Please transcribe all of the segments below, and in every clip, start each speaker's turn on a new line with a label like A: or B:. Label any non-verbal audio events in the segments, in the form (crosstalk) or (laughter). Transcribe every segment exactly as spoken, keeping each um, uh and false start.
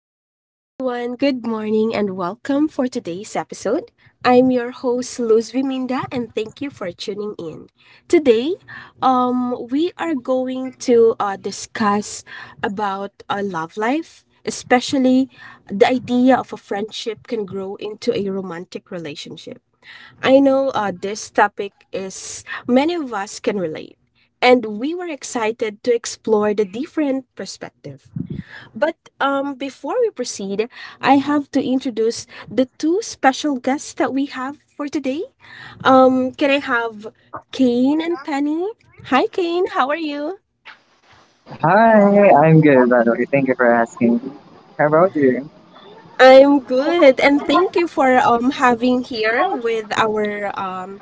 A: Hello, everyone. Good morning and welcome for today's episode. I'm your host, Luz Viminda, and thank you for tuning in. Today, um, we are going to uh, discuss about a love life, especially the idea of a friendship can grow into a romantic relationship. I know uh, this topic is many of us can relate, and we were excited to explore the different perspective. But um, before we proceed, I have to introduce the two special guests that we have for today. Um, can I have Kane and Penny? Hi, Kane. How are you?
B: Hi, I'm good, by the way. Thank you for asking. How about you?
A: I'm good, and thank you for um having here with our um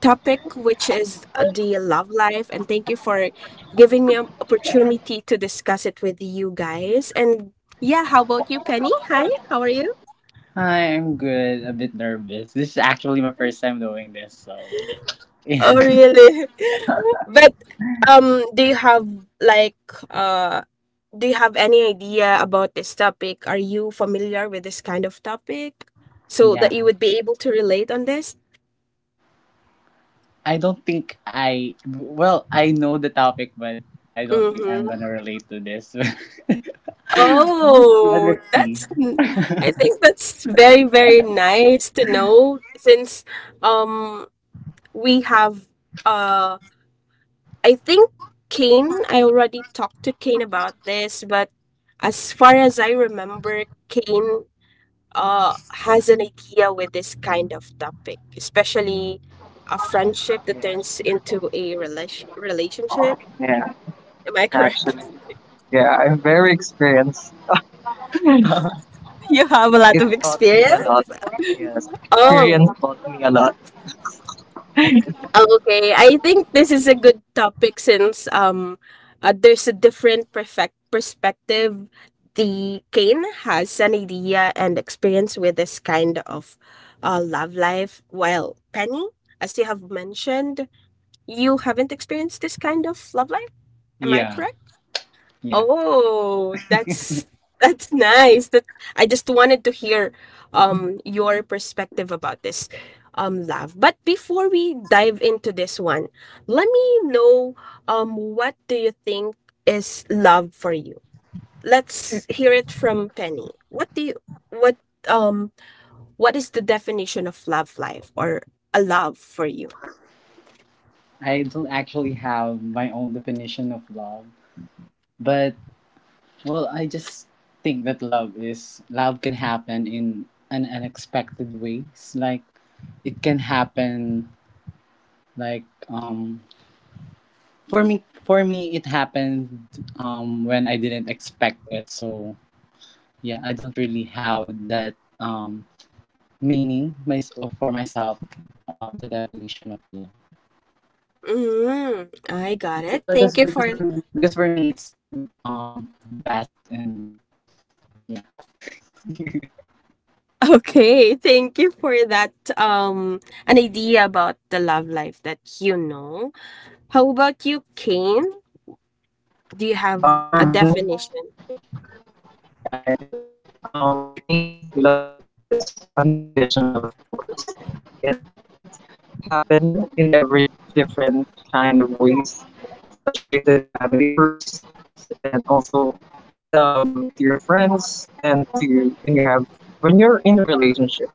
A: topic, which is the love life, and thank you for giving me an opportunity to discuss it with you guys. And yeah, how about you, Penny? Hi, how are you?
C: Hi, I'm good. A bit nervous. This is actually my first time doing this, so
A: Oh, really? (laughs) But um, do you have like uh, do you have any idea about this topic? Are you familiar with this kind of topic
C: (laughs)
A: so that you
C: yeah.
A: would be able to relate on this?
C: I don't think I Well, I know the topic, but I don't think I'm
A: Mm-hmm.
C: gonna relate to this. (laughs) let's,
A: Oh,
C: let's see.
A: that's n-
C: (laughs)
A: I think that's very, very nice to know since um we have uh I think Kane, I already talked to Kane about this, but as far as I remember, Kane uh, has an idea with this kind of topic, especially a friendship that
B: Yeah,
A: turns into a relation relationship.
B: yeah,
A: Am I correct?
B: actually.
A: (laughs)
B: Yeah, I'm very experienced. (laughs)
A: You have a
B: It
A: lot of
B: taught me a lot.
A: experience.
B: Yes,
A: (laughs)
B: experience
A: Oh,
B: taught me a lot.
A: okay. I think this is a good topic since um, uh, there's a different perfect perspective. The Kane has an idea and experience with this kind of uh, love life, while Penny, as you have mentioned, you haven't experienced this kind of love life? Am I
C: Yeah,
A: correct?
C: yeah.
A: Oh, that's (laughs) that's nice. That I just wanted to hear um your perspective about this um love. But before we dive into this one, let me know um what do you think is love for you? Let's hear it from Penny. What do you what um what is the definition of love life or a love for you?
C: I don't actually have my own definition of love, but well, I just think that love is love can happen in an unexpected ways. Like it can happen like um For me, for me, it happened um, when I didn't expect it. So yeah, I don't really have that um, meaning my, for myself of the definition of love.
A: Mm, I got
C: Because,
A: it. Thank
C: because,
A: you
C: because
A: for
C: for me, because for me, it's too um, vast and yeah.
A: (laughs) okay, thank you for that um an idea about the love life that you know. How about you, Kane? Do you have
B: Uh, for
A: a
B: me,
A: definition?
B: yeah, I do. Um, for me, love is unconditional, of course. It happened in every different kind of ways, especially to the family first, and also um, to your friends and to when you have when you're in a relationship.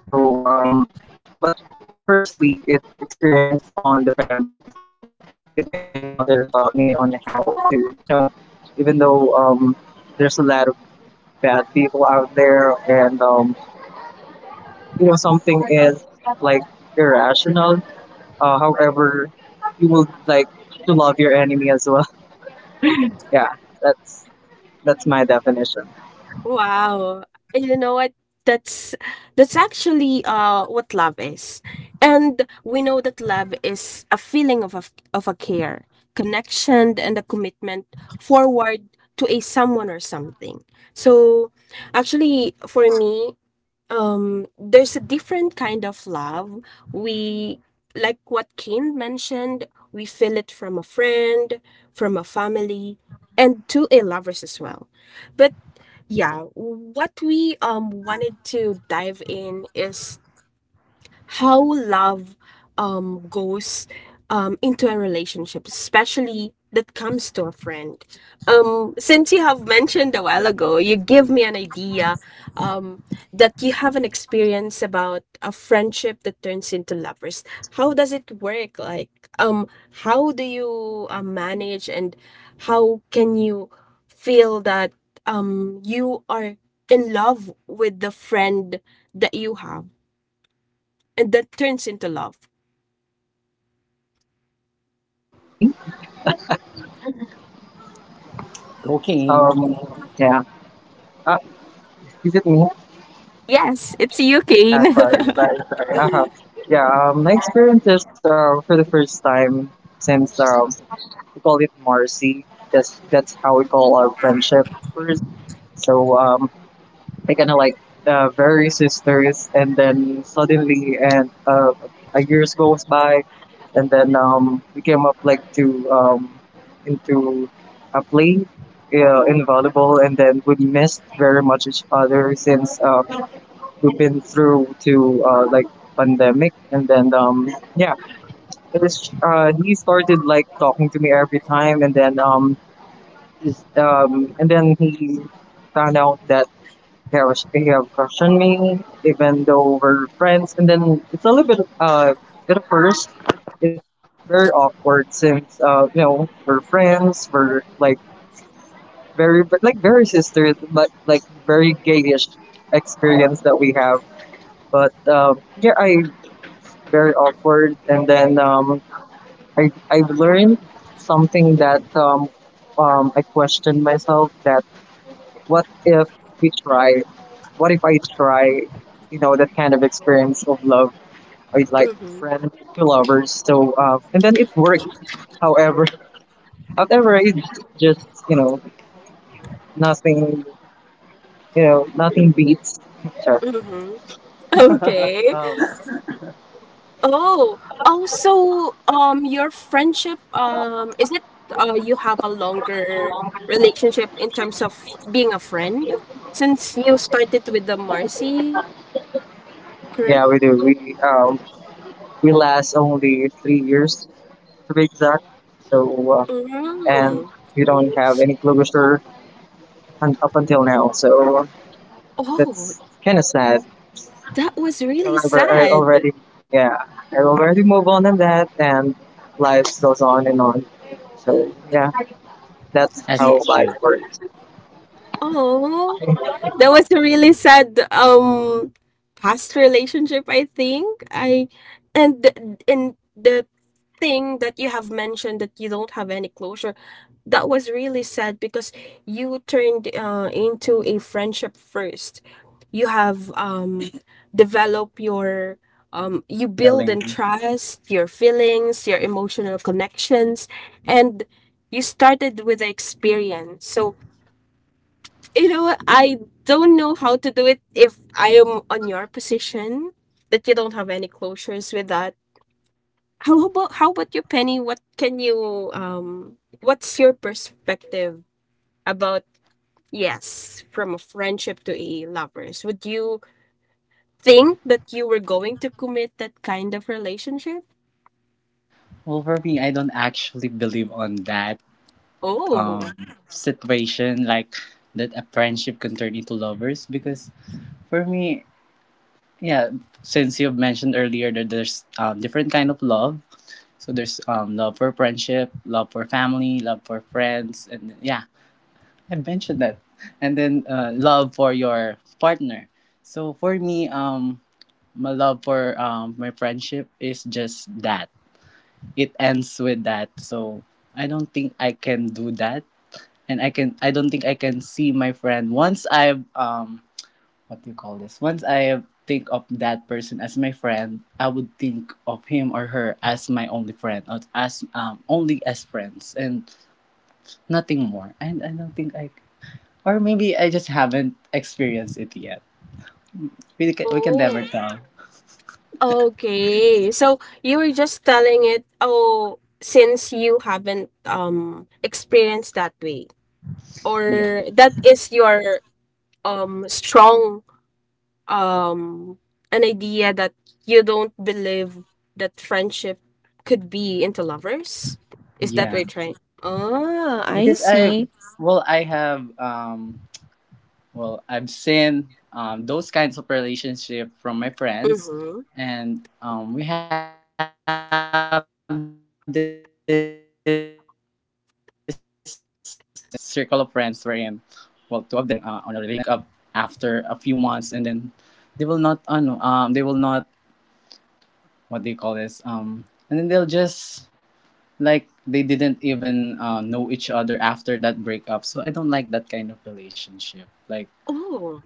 B: So, um, but firstly, it experience on the family. So, because my grandmother taught me on how to, you know, even though um, there's a lot of bad people out there, and um, you know, something is like irrational. Uh, however, you will like to love your enemy as well. (laughs) Yeah, that's that's my definition.
A: Wow. And you know what? That's that's actually uh what love is. And we know that love is a feeling of a, of a care, connection, and a commitment forward to a someone or something. So actually for me, um there's a different kind of love. We like what Kane mentioned, we feel it from a friend, from a family, and to a lovers as well. But yeah, what we um wanted to dive in is how love um, goes um, into a relationship, especially that comes to a friend. Um, since you have mentioned a while ago, you give me an idea um, that you have an experience about a friendship that turns into lovers. How does it work? Like, um, how do you uh, manage and how can you feel that um, you are in love with the friend that you have and that turns into love.
B: You know me?
C: (laughs) Cocaine.
B: Um, yeah. Ah, is it me?
A: Yes, it's you,
B: Ah,
A: Kane. (laughs)
B: sorry, sorry, sorry. Uh-huh. Yeah, um, my experience is uh, for the first time since um, we call it Marcy. That's that's how we call our friendship first. So um, we kind of like uh, very sisters, and then suddenly, and uh, a years goes by, and then um, we came up like to um, into a play uh, in volleyball, and then we missed very much each other since. Uh, we've been through to uh, like pandemic, and then um yeah it was, uh, he started like talking to me every time, and then um is- um and then he found out that he was he have crush on me even though we're friends. And then it's a little bit uh at first, it's very awkward since uh you know, we're friends, we're like very like very sisters, but like very gayish experience that we have. But um yeah I very awkward. And then um, I I've learned something that um, um, I questioned myself that what if we try? What if I try? You know, that kind of experience of love, I like
A: Mm-hmm.
B: friend to lovers. So uh, and then it worked. However, (laughs) however, it's just, you know, nothing. You know, nothing beats. (laughs) Sure.
A: Mm-hmm. Okay.
B: Um,
A: Oh, oh, so um your friendship um is it uh you have a longer relationship in terms of being a friend since you started with the Marcy, correct?
B: yeah, we do. We um, we last only three years to be exact. So uh, and
A: Mm.
B: we don't have any closure un- up until now. So
A: Oh,
B: that's kind of sad.
A: that was really
B: However, I
A: sad.
B: already, yeah, I already move on in that, and life goes on and on. So yeah, that's
C: As it
A: Yeah.
B: how life
C: should.
B: works.
A: Oh,
B: (laughs)
A: that was a really sad um past relationship. I think i and the- and the thing that you have mentioned that you don't have any closure, that was really sad because you turned uh, into a friendship first. You have um developed your um you build
C: Killing.
A: and trust your feelings, your emotional connections, and you started with the experience. So you know what? I don't know how to do it if I am on your position that you don't have any closures with that. How about how about you, Penny? What can you um what's your perspective about yes, from a friendship to a lovers? Would you think that you were going to commit that kind of relationship?
C: Well, for me, I don't actually believe on that um,
A: Oh.
C: situation like that a friendship can turn into lovers because for me. Yeah, since you've mentioned earlier that there's um, different kind of love. So there's um, love for friendship, love for family, love for friends, and yeah, I mentioned that. And then uh, love for your partner. So for me, um, my love for um, my friendship is just that. It ends with that. So I don't think I can do that, and I can. I don't think I can see my friend once I've um what do you call this? Once I think of that person as my friend, I would think of him or her as my only friend, or as um only as friends and nothing more. And I don't think I, or maybe I just haven't experienced it yet. We can, we can never
A: Oh.
C: tell.
A: Okay. So you were just telling it, oh, since you haven't um experienced that way,
C: Yeah,
A: or that is your um strong um an idea that you don't believe that friendship could be into lovers? Is that what
C: yeah.
A: you're trying? Ah, I
C: Because I,
A: see.
C: well, I have um well, I've seen um, those kinds of relationship from my friends,
A: Mm-hmm.
C: and um, we have this circle of friends wherein, well, two of them are uh, getting uh, on a relationship, and then they will just breaking up, uh, break up after a few months, and then they will not, ano, um, they will not, what do you call this, um, and then they'll just like they didn't even uh, know each other after that breakup. So I don't like that kind of relationship, like.
A: Oh,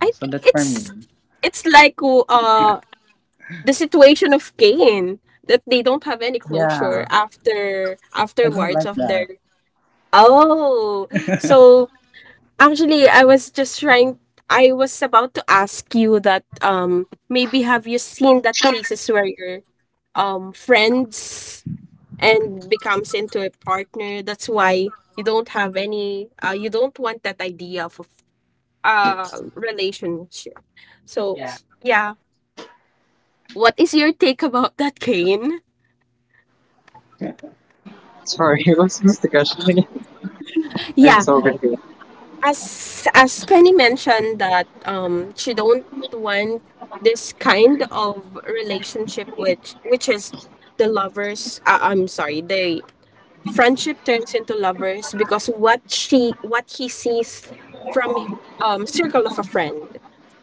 A: I
C: Yeah, so
A: think
C: that's for
A: it's
C: me.
A: it's like oh, uh the situation of Cain that they don't have any closure
C: Yeah,
A: after
C: I don't
A: afterwards
C: like
A: of
C: that.
A: their. Oh, so actually, I was just trying, I was about to ask you that um maybe have you seen that
C: (laughs)
A: cases where your um friends and becomes into a partner? That's why you don't have any uh you don't want that idea of uh relationship. So, yeah. What is your take about that, Kane?
B: Sorry, (laughs) what was just the question again? (laughs) I'm
A: Yeah,
B: so confused.
A: As as Penny mentioned that um she don't want this kind of relationship, which which is the lovers uh, I'm sorry, the friendship turns into lovers because what she what he sees from um circle of a friend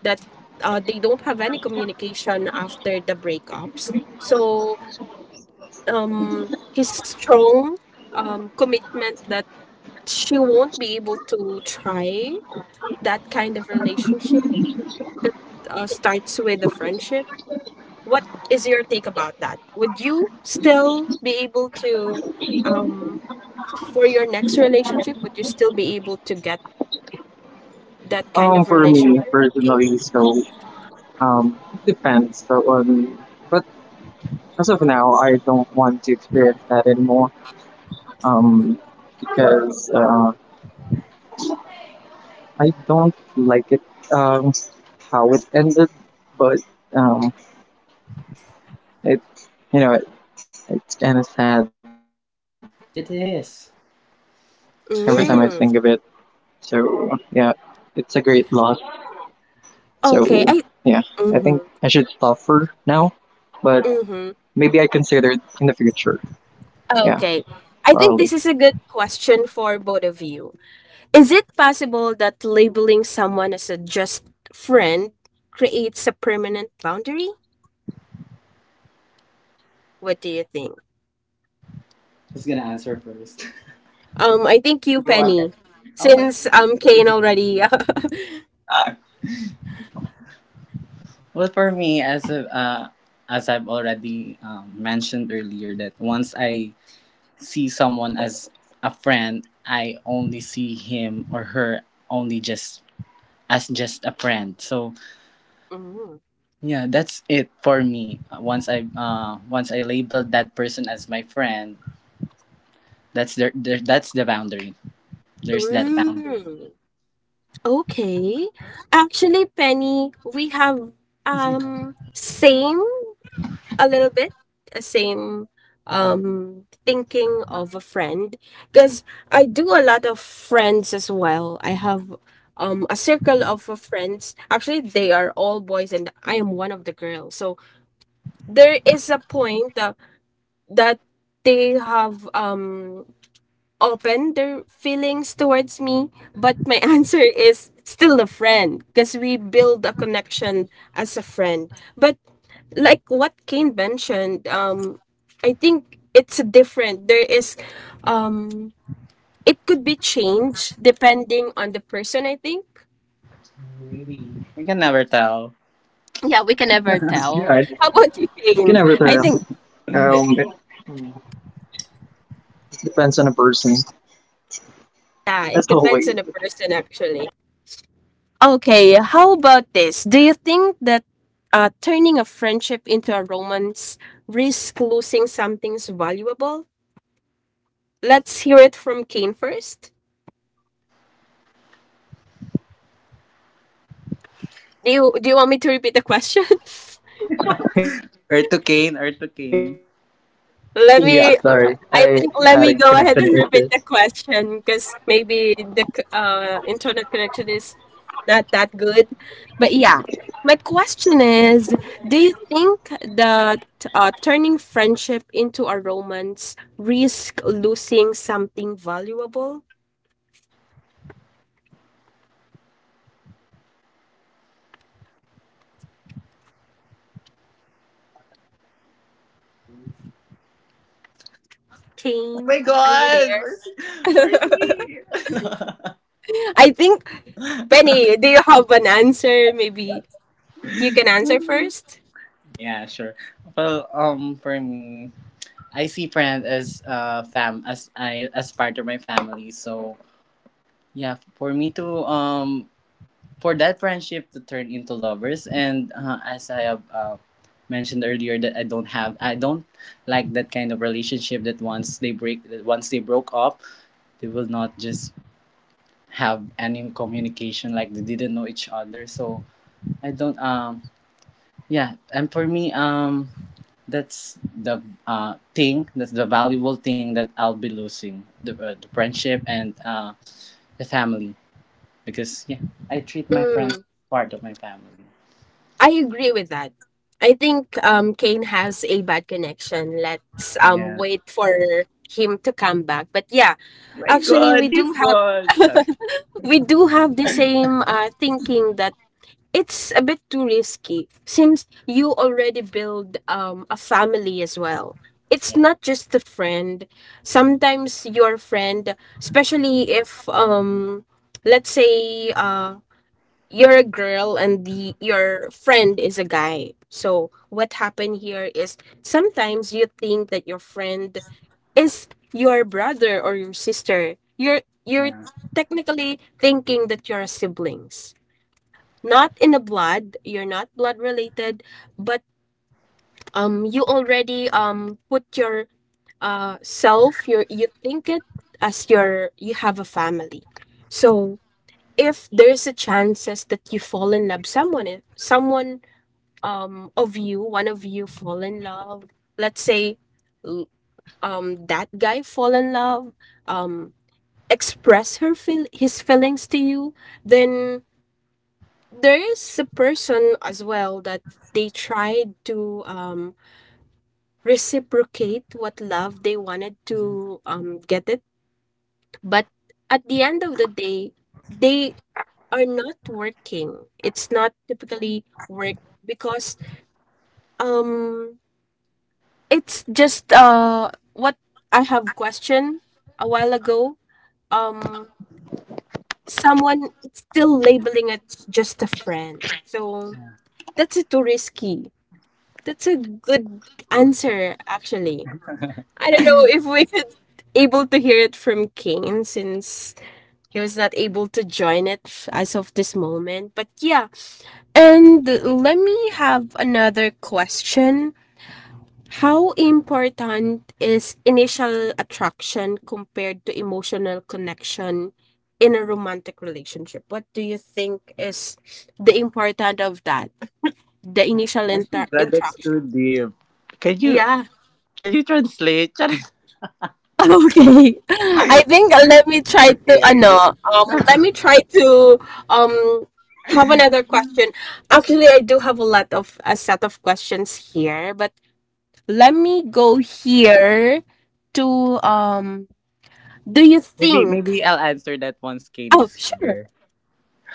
A: that uh, they don't have any communication after the breakups. So um his strong um commitment that she won't be able to try that kind of relationship that uh, starts with a friendship. What is your take about that? Would you still be able to, um, for your next relationship, would you still be able to get that kind
B: Um,
A: of
B: for me
A: relationship?
B: personally, so um, it depends. So on, but as of now, I don't want to experience that anymore. Um, because uh, I don't like it, um, how it ended, but um, it you know it, it's kind of sad every time I think of it.
C: It is.
B: So yeah, it's a great
A: Mm.
B: loss. So yeah, I think I should stop for now,
A: Okay. I
B: but
A: mm-hmm.
B: maybe I consider it in the future.
A: Mm-hmm.
B: Yeah, probably.
A: Okay. I think this is a good question for both of you. Is it possible that labeling someone as a just friend creates a permanent boundary? What do you think?
C: Who's gonna answer first?
A: Um, I think you,
C: (laughs) Go ahead.
A: Penny,
C: Okay.
A: since um Kane already. (laughs)
C: Well, for me, as a, uh, as I've already um, mentioned earlier, that once I see someone as a friend, I only see him or her only just as just a friend. So
A: Mm.
C: yeah, that's it for me. Uh, Once I uh, once I labeled that person as my friend, that's their, their that's the boundary. There's that boundary.
A: Mm, okay. Actually, Penny, we have um same a little bit, a same um thinking of a friend because I do a lot of friends as well. I have um a circle of uh, friends. Actually, they are all boys and I am one of the girls. So there is a point uh, that they have um open their feelings towards me, but my (laughs) answer is still a friend because we build a connection as a friend. But like what Kane mentioned, um, I think it's different. There is, um, it could be changed depending on the person. I think.
C: You can never tell.
A: Yeah, we can never tell.
B: Yeah, you
A: How about you,
B: can
A: Kane?
B: never
A: I
B: tell.
A: think
B: Um, it depends on a person,
A: yeah,
B: as
A: it depends
B: always.
A: on the person actually. Okay, how about this? Do you think that uh, turning a friendship into a romance risks losing something's valuable? Let's hear it from Kane first. Do you do you want me to repeat the question? (laughs)
B: (laughs) Yeah,
C: Or to
B: sorry,
C: Kane, or
B: I
C: to
B: had a
C: Kane.
B: connection issue.
A: Let me, I think let me go ahead and repeat the question because maybe the c- uh, internet connection is not that good. But yeah, my question is, do you think that uh, turning friendship into a romance risk losing something valuable?
C: Oh
A: Kane,
C: my
A: are you
C: god!
A: there?
C: Where's, where's
A: (laughs)
C: he?
A: I think, Penny, do you have an answer? Maybe you can answer first.
C: (laughs) Yeah, sure. Well, um, for me, I see friends as uh fam as I as part of my family. So yeah, for me to um for that friendship to turn into lovers, and uh, as I have uh, mentioned earlier, that I don't have I don't like that kind of relationship that once they break that once they broke up, they will not just have any communication like they didn't know each other. So I don't um yeah, and for me um that's the uh thing, that's the valuable thing that I'll be losing, the, uh, the friendship and uh the family, because yeah, I treat my friends as part of my family.
A: I agree with that. I think um, Kane has a bad connection. Let's um,
C: Yeah.
A: wait for him to come back. But yeah,
C: My
A: actually,
C: God,
A: we
C: he's
A: do have
C: gone. Sorry.
A: we do have the same uh, thinking that it's a bit too risky since you already build um, a family as well. It's
C: Yeah,
A: not just a friend. Sometimes your friend, especially if um, let's say uh, you're a girl and the your friend is a guy. So what happened here is sometimes you think that your friend is your brother or your sister. You're you're
C: yeah.
A: technically thinking that you're siblings. Not in a blood, you're not blood related, but um you already um put your uh self, your you think it as your you have a family. So if there's a chances that you fall in love someone i- someone um of you one of you fall in love let's say l- um that guy fall in love um express her feel his feelings to you, then there is a person as well that they tried to um reciprocate what love they wanted to um get it, but at the end of the day they are not working. It's not typically work because um it's just uh what I have questioned a while ago. Um Someone it's still labeling it just a friend. So that's a too risky. That's a good answer actually. I don't know if we could able to hear it from Kane since he was not able to join it f- as of this moment. But yeah, and let me have another question. How important is initial attraction compared to emotional connection in a romantic relationship? What do you think is the importance of that? The initial inter
C: God, that's
A: interaction.
C: too deep.
A: Yeah. (laughs) Okay. I think uh, let me try
C: Just
A: to
C: kidding. Just
A: ano, um let me try to um have another question. Actually, I do have a lot of a set of questions here, but let me go here to um do you
C: maybe
A: think?
C: maybe I'll answer that once Kane
A: Oh,
C: is
A: sure.
C: here.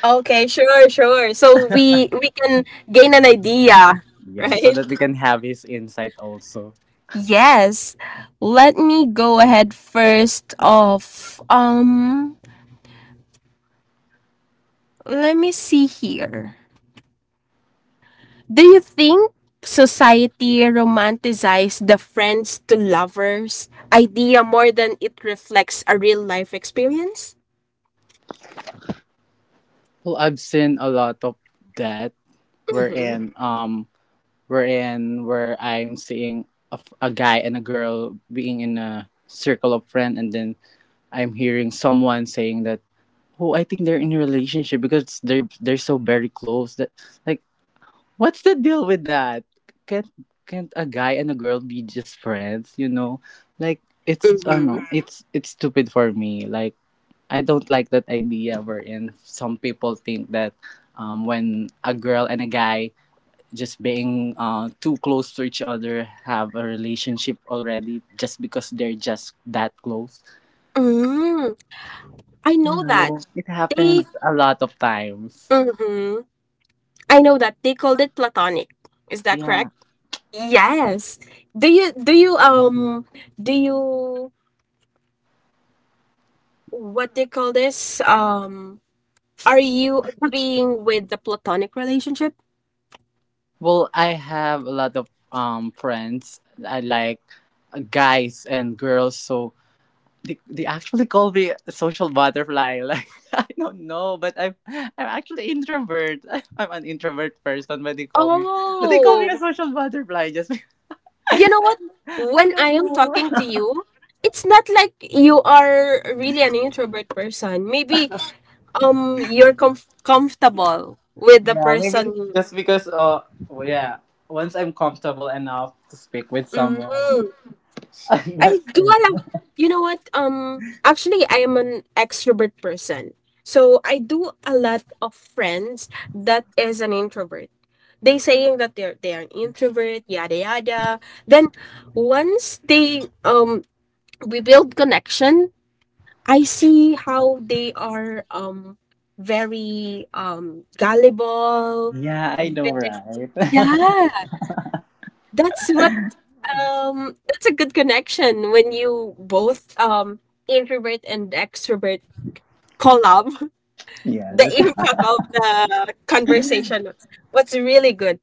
A: Okay, sure, sure, so we we can gain an idea, (laughs)
C: Yeah, so that we
A: right?
C: can have his insight also.
A: Yes, let me go ahead first of um let me see here. Do you think society romanticizes the friends to lovers idea more than it reflects a real life experience?
C: Well, I've seen a lot of that
A: Mm-hmm.
C: wherein um wherein where I'm seeing a, f- a guy and a girl being in a circle of friends, and then I'm hearing someone saying that, "Oh, I think they're in a relationship because they're they're so very close." That like, what's the deal with that? Can't can't a guy and a girl be just friends? You know, like it's I don't know, it's it's stupid for me. Like I don't like that idea wherein some people think that um, when a girl and a guy just being uh, too close to each other, have a relationship already just because they're just that close.
A: Mm-hmm. I
C: You
A: know that
C: know, it
A: they.
C: happens a lot of times.
A: hmm I know that they called it platonic. Is that
C: Yeah.
A: correct? Yes. Do you do you um do you what they call this? Um, are you agreeing with the platonic relationship?
C: Well, I have a lot of um friends. I like uh, guys and girls, so they, they actually call me a social butterfly. (laughs) Like I don't know, but I'm I'm actually introvert. (laughs) I'm an introvert person, but they call me but they call me a
A: Oh,
C: social butterfly. Just
A: you know what?
C: (laughs) I
A: When I
C: don't
A: am
C: know.
A: talking to
C: (laughs)
A: you, it's not like you are really an introvert person. Maybe um you're comf comfortable with the
C: Yeah, maybe
A: person.
C: just because uh well, yeah, once I'm comfortable enough to speak with
A: Hmm.
C: someone, (laughs) that's
A: I do
C: yeah.
A: I have you know what? Um actually I am an extrovert person. So I do a lot of friends that is an introvert. They saying that they're they are an introvert, yada yada. Then once they um we build connection. I see how they are um very um gullible,
C: Yeah, I know,
A: very,
C: right?
A: yeah, that's what, um that's a good connection when you both um introvert and extrovert collab.
C: (laughs)
A: (laughs)
C: Yeah,
A: The
C: that's
A: impact of the conversation, what's really good.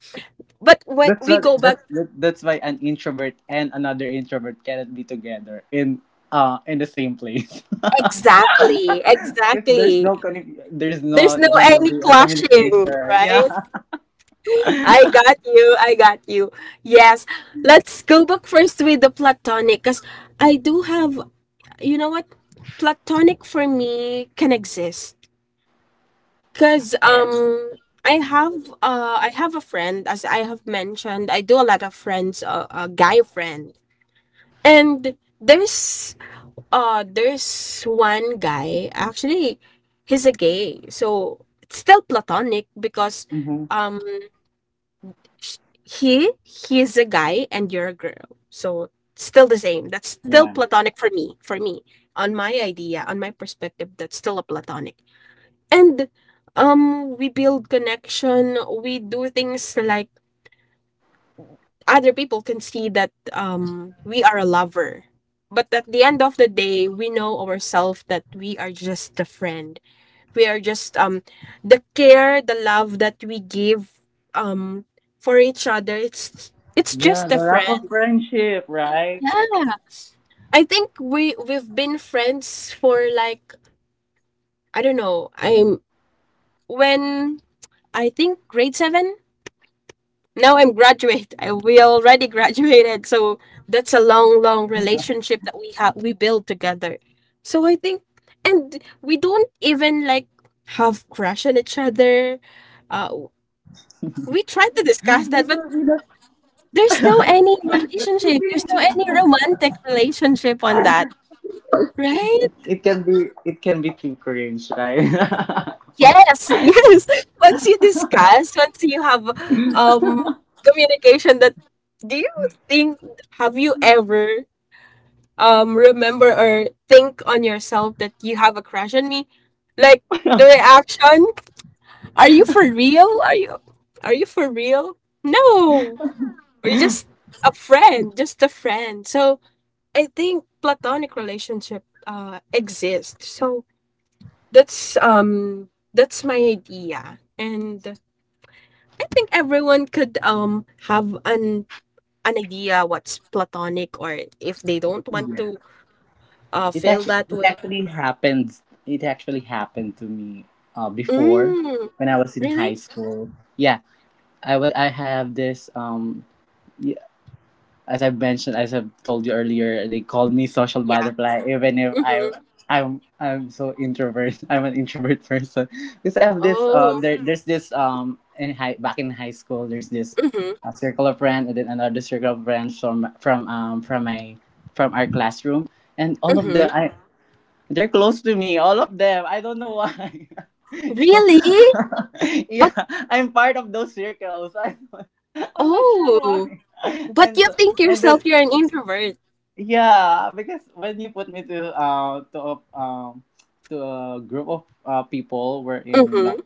A: But
C: (laughs)
A: when
C: that's
A: we
C: not
A: go back,
C: that's that, that's why an introvert and another introvert cannot be together in uh in the same place.
A: exactly,
C: (laughs) Because there's no
A: exactly,
C: conni- there's
A: there's
C: not
A: no
C: gonna
A: any
C: be a
A: clashing,
C: communication. Yeah.
A: right? I got you, I got you. Yes, let's go back first with the platonic because I do have, you know what, platonic for me can exist. Because
C: Yeah.
A: um I have uh I have a friend. As I have mentioned, I do a lot of friends, uh, a guy friend, and there's uh there's one guy actually. He's a gay, so it's still platonic because
C: Mm-hmm.
A: um sh- he he's a guy and you're a girl, so it's still the same. That's still
C: Yeah.
A: platonic for me. For me, on my idea, on my perspective, that's still a platonic. And um we build connection, we do things, like other people can see that um we are a lover. But at the end of the day, we know ourselves that we are just a friend. We are just um the care, the love that we give um for each
C: Yeah, the
A: other.
C: wrap of
A: It's
C: friendship,
A: it's just a
C: right?
A: friend. Yeah. I think we we've been friends for like, I don't know. I'm when I think grade seven. Now I'm
C: That's
A: graduate. I, we already graduated, so that's a long, long relationship that we have we build together. So I think, and we don't even like have crush on each other. Uh, we tried to discuss that, but there's no any relationship. There's no any romantic relationship on that,
C: It
A: right?
C: can be it can be too cringe, right? (laughs) What-
A: Yes, (laughs) yes. Once you discuss, once you have um communication, that, do you think, have you ever um remember or think on yourself that you have a crush on me, like
C: (laughs)
A: the reaction, are you for real, are you are you for real? No, we're just a friend, just a friend. So I think platonic relationship uh exist, so that's um that's my idea. And I think everyone could um have an an idea what's platonic, or if they don't want
C: yeah.
A: to uh
C: It
A: feel
C: actually
A: that
C: it
A: way.
C: actually happened. It actually happened to me uh, before
A: Mm.
C: when I was in high
A: Really?
C: school. Yeah, I would I have this um as I've mentioned, as I've told you earlier, they called me social
A: Yeah.
C: butterfly, even if I
A: Mm-hmm.
C: I'm I'm so introvert. (laughs) I'm an introvert person because I have this uh
A: Oh.
C: there there's this um in high back in high school there's this
A: Mm-hmm.
C: uh, circle of friends and then another circle of friends from from um from my from our classroom, and all of them
A: Mm-hmm.
C: I they're close to me, all of them. I don't know why. (laughs) So,
A: Really?
C: (laughs) yeah,
A: But,
C: I'm part of those circles. I, (laughs) I'm not sure
A: oh,
C: why. (laughs)
A: but
C: And
A: you
C: so,
A: think
C: and then
A: yourself you're an introvert.
C: yeah, because when you put me to uh to a, um to a group of uh, people wherein
A: Mm-hmm.
C: like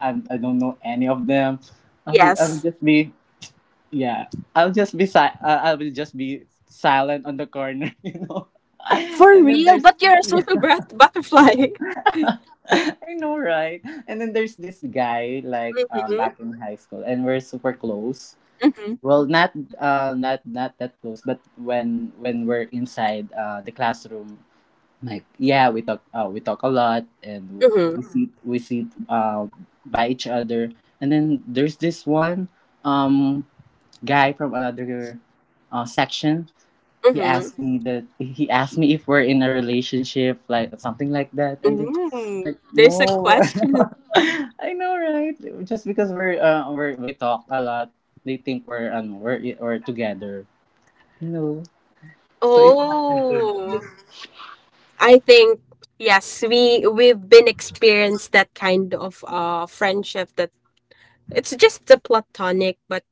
C: I'm, I don't know any of them, I will I will
A: Yes.
C: just be yeah, I'll just be si- I I will just be silent on the corner, (laughs) you know. (laughs)
A: For
C: And then
A: real,
C: there's
A: but you're a
C: yeah.
A: social brat- butterfly. (laughs)
C: (laughs) I know, right? And then there's this guy like um
A: Mm-hmm.
C: back in high school, and we're super close.
A: Mm-hmm.
C: Well, not uh, not not that close, but when when we're inside uh the classroom, like yeah, we talk uh, we talk a lot, and
A: Mm-hmm.
C: we sit, we sit uh by each other. And then there's this one um guy from another uh section. He
A: Mm-hmm.
C: asked me that he asked me if we're in a relationship, like something like that, and then
A: Mm.
C: like
A: There's a
C: no. (laughs)
A: question.
C: I know, right? Just because we're uh we're, we talk a lot, they think we're ano we're we're together. No, know, so it,
A: Oh, I think yes, we we've been experienced that kind of uh friendship, that it's just the platonic. But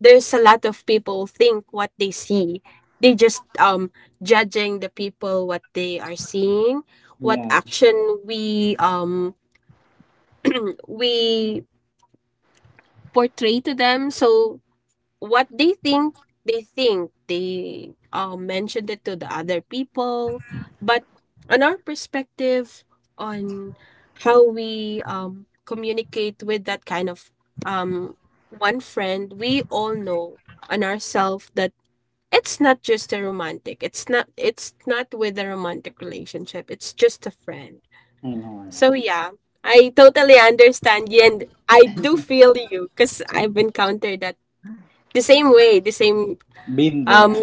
A: there's a lot of people think what they see. They just um judging the people what they are seeing, what
C: yeah,
A: action we um we portray to them. So what they think, they think they um mentioned it to the other people. But on our perspective, on how we um communicate with that kind of um one friend, we all know on ourselves that it's not just a romantic. It's not it's not with a romantic relationship. It's just a friend.
C: I know,
A: So
C: right?
A: yeah, I totally understand you and I do feel you because I've encountered that the same way, the same,
C: Been
A: um
C: there.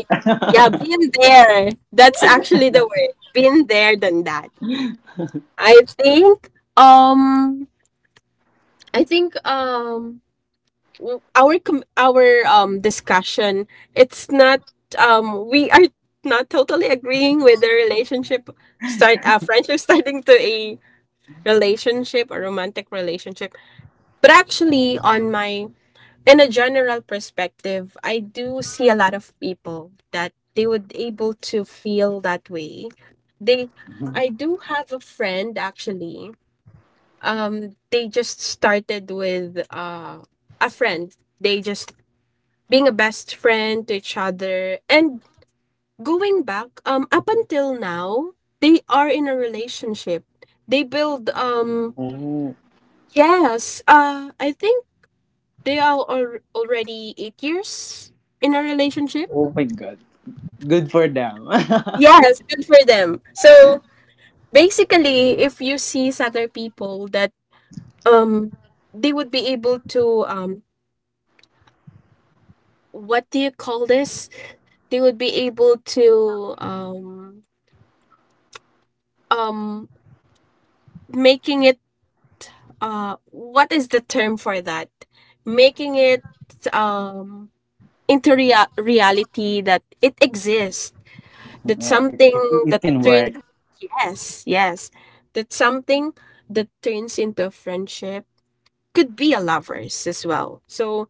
A: yeah, been there. That's actually the word. Been there than that. I think um I think um w- our com- our um discussion, it's not, um we are not totally agreeing with the relationship start a friendship, (laughs) starting to a relationship or romantic relationship. But actually on my, in a general perspective, I do see a lot of people that they would able to feel that way. They, I
C: (laughs)
A: do have a friend actually, um they just started with uh a friend, they just being a best friend to each other. And going back, um, up until now, they are in a relationship. They build, um,
C: Oh,
A: yes, uh, I think they are al- already eight years in a relationship.
C: oh my god, good for them.
A: Yes, good for them. So basically, if you see other people that, um, they would be able to, um, what do you call this? They would be able to, um, um, making it, uh what is the term for that? Making it um into rea- reality that it exists.
C: (laughs)
A: That
C: Like it,
A: something
C: it, it
A: that
C: can
A: turns,
C: work.
A: yes, yes, that something that turns into a friendship could be a lovers as well. So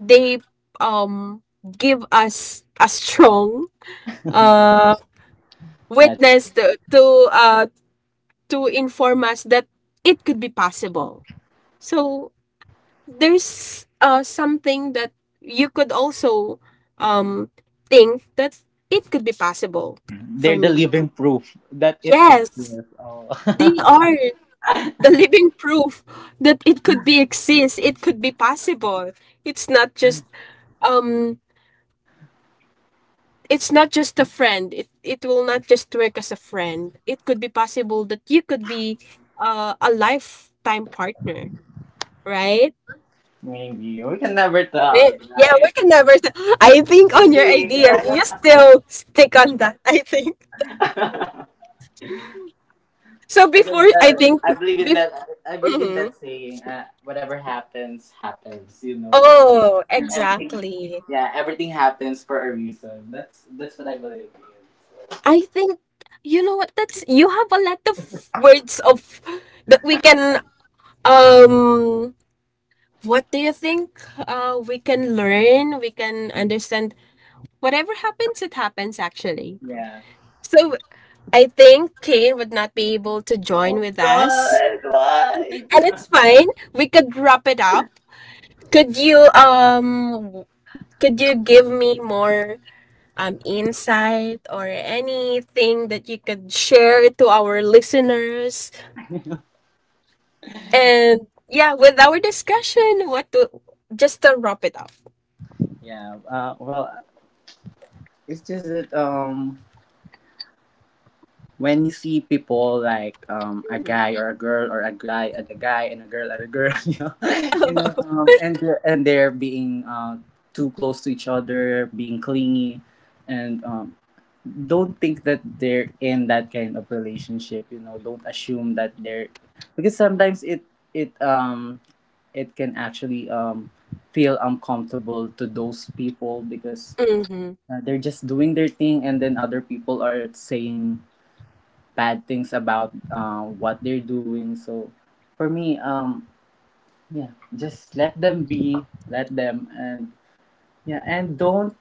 A: they um give us a strong uh
C: That's
A: witness to, to uh to inform us that it could be possible. So there's uh something that you could also um think that it could be possible for
C: they're the
A: me.
C: living proof that it
A: Yes,
C: exists. Oh,
A: they are the living proof that it could be exist, it could be possible. It's not just, um it's not just a friend. It it will not just work as a friend. It could be possible that you could be uh, a lifetime partner, right?
C: (laughs) maybe we can never tell,
A: May- yeah, we
C: right?
A: can never. St- I think on your
C: Maybe.
A: idea, you still stick on that. (laughs) I think
C: (laughs)
A: so.
C: Because
A: Before, I
C: uh,
A: think,
C: I believe in
A: bef-
C: that. I believe in that
A: mhm.
C: saying. Uh, whatever happens, happens. You know,
A: Oh,
C: and everything.
A: exactly.
C: Yeah, everything happens for a reason. That's that's what I believe in. So,
A: I think you know what? That's, you have a lot of words of that we can, um, what do you think, uh, we can learn, we can understand. Whatever happens, it happens. Actually,
C: yeah.
A: so I think Kane would not be able to
C: Oh
A: join with us,
C: God, why?
A: and it's fine. We could wrap it up. Could you um could you give me more um insight or anything that you could share to our listeners? And yeah, with our discussion, what to, just to wrap it up.
C: (laughs) Yeah. Uh, well, it's just that um. When you see people like um, a
A: Mhm.
C: guy or a girl or a guy and a guy and a girl and a girl (laughs) you know, (laughs) you know
A: (laughs)
C: um, and they're, and they're being uh, too close to each other, being clingy and um, don't think that they're in that kind of relationship. You know, don't assume that they're, because sometimes it it um it can actually um feel uncomfortable to those people because
A: Mm-hmm.
C: uh, they're just doing their thing and then other people are saying bad things about uh, what they're doing. So for me, um, yeah, just let them be, let them, and yeah, and don't,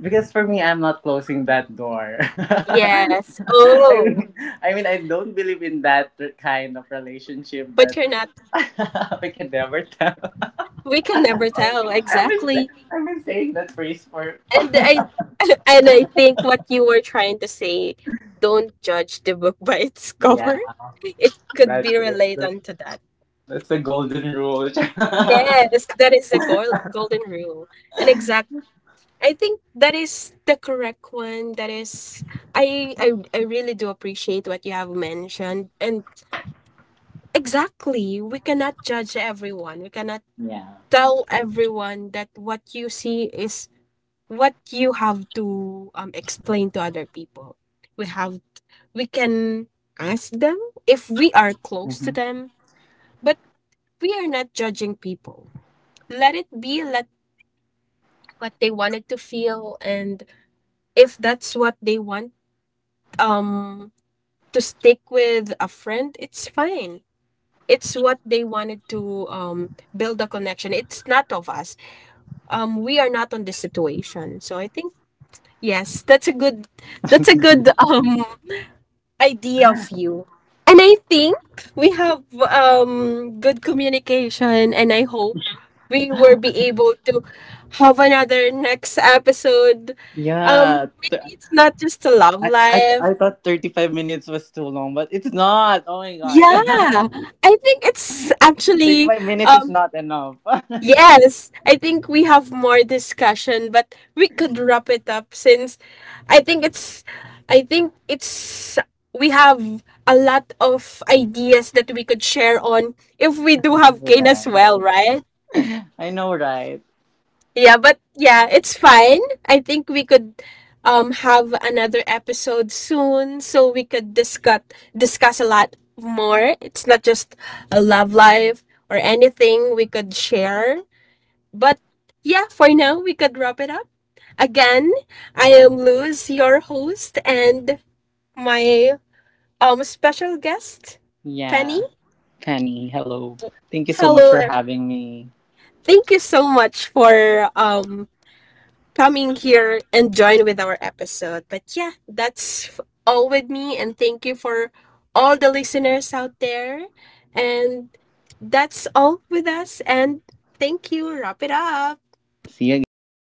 C: because for me, I'm not closing that door. (laughs)
A: Yes.
C: I
A: Oh,
C: mean, I mean, I don't believe in that kind of relationship,
A: but
C: but
A: you're not.
C: (laughs) we can never tell.
A: We can never tell,
C: I've been,
A: exactly.
C: sa- I've been saying that phrase for.
A: And I, (laughs) and I think what you were trying to say, don't judge the book (laughs) by its
C: Yeah,
A: cover. It could
C: that's
A: be
C: it. That's,
A: related to that.
C: that's the golden rule. (laughs)
A: Yes, that is a goal, golden rule. And exact, I think that is the correct one. That is, I I I really do appreciate what you have mentioned. And exactly, we cannot judge everyone. We cannot
C: Yeah.
A: tell everyone that what you see is what you have to um explain to other people. We have, we can ask them if we are close to
C: Mhm.
A: them, but we are not judging people. Let it be, let what they wanted to feel, and if that's what they want um to stick with a friend, it's fine. It's what they wanted to um build a connection. It's not of us. Um we are not on this situation. So I think yes, that's a good, that's a good (laughs) um idea of you. And I think we have um good communication and I hope we will be able to have another next episode. Um
C: Yeah,
A: maybe it's not just a love
C: I, I
A: life.
C: I thought thirty-five minutes was too long, but it's not. Oh my
A: Yeah.
C: god. (laughs)
A: I think it's actually,
C: thirty-five minutes is
A: um
C: not enough. (laughs) I
A: yes, I think we have more discussion, but we could wrap it up since I think it's, I think it's, we have a lot of ideas that we could share on if we do have
C: know,
A: Kane as
C: right?
A: well, right?
C: I know, right?
A: Yeah, but yeah, it's fine. I think we could um have another episode soon so we could discuss discuss a lot more. It's not just a love life or anything we could share. But yeah, for now, we could wrap it up. Again, I am Luz, your host, and my um special guest, Penny.
C: Yeah. Penny, hello. Thank you so much
A: Hello.
C: for
A: E-
C: having me.
A: thank you so much for um coming here and join with our episode. But yeah, that's f- all with me and thank you for all the listeners out there. And that's all with us and thank you. Wrap it up.
C: See you guys.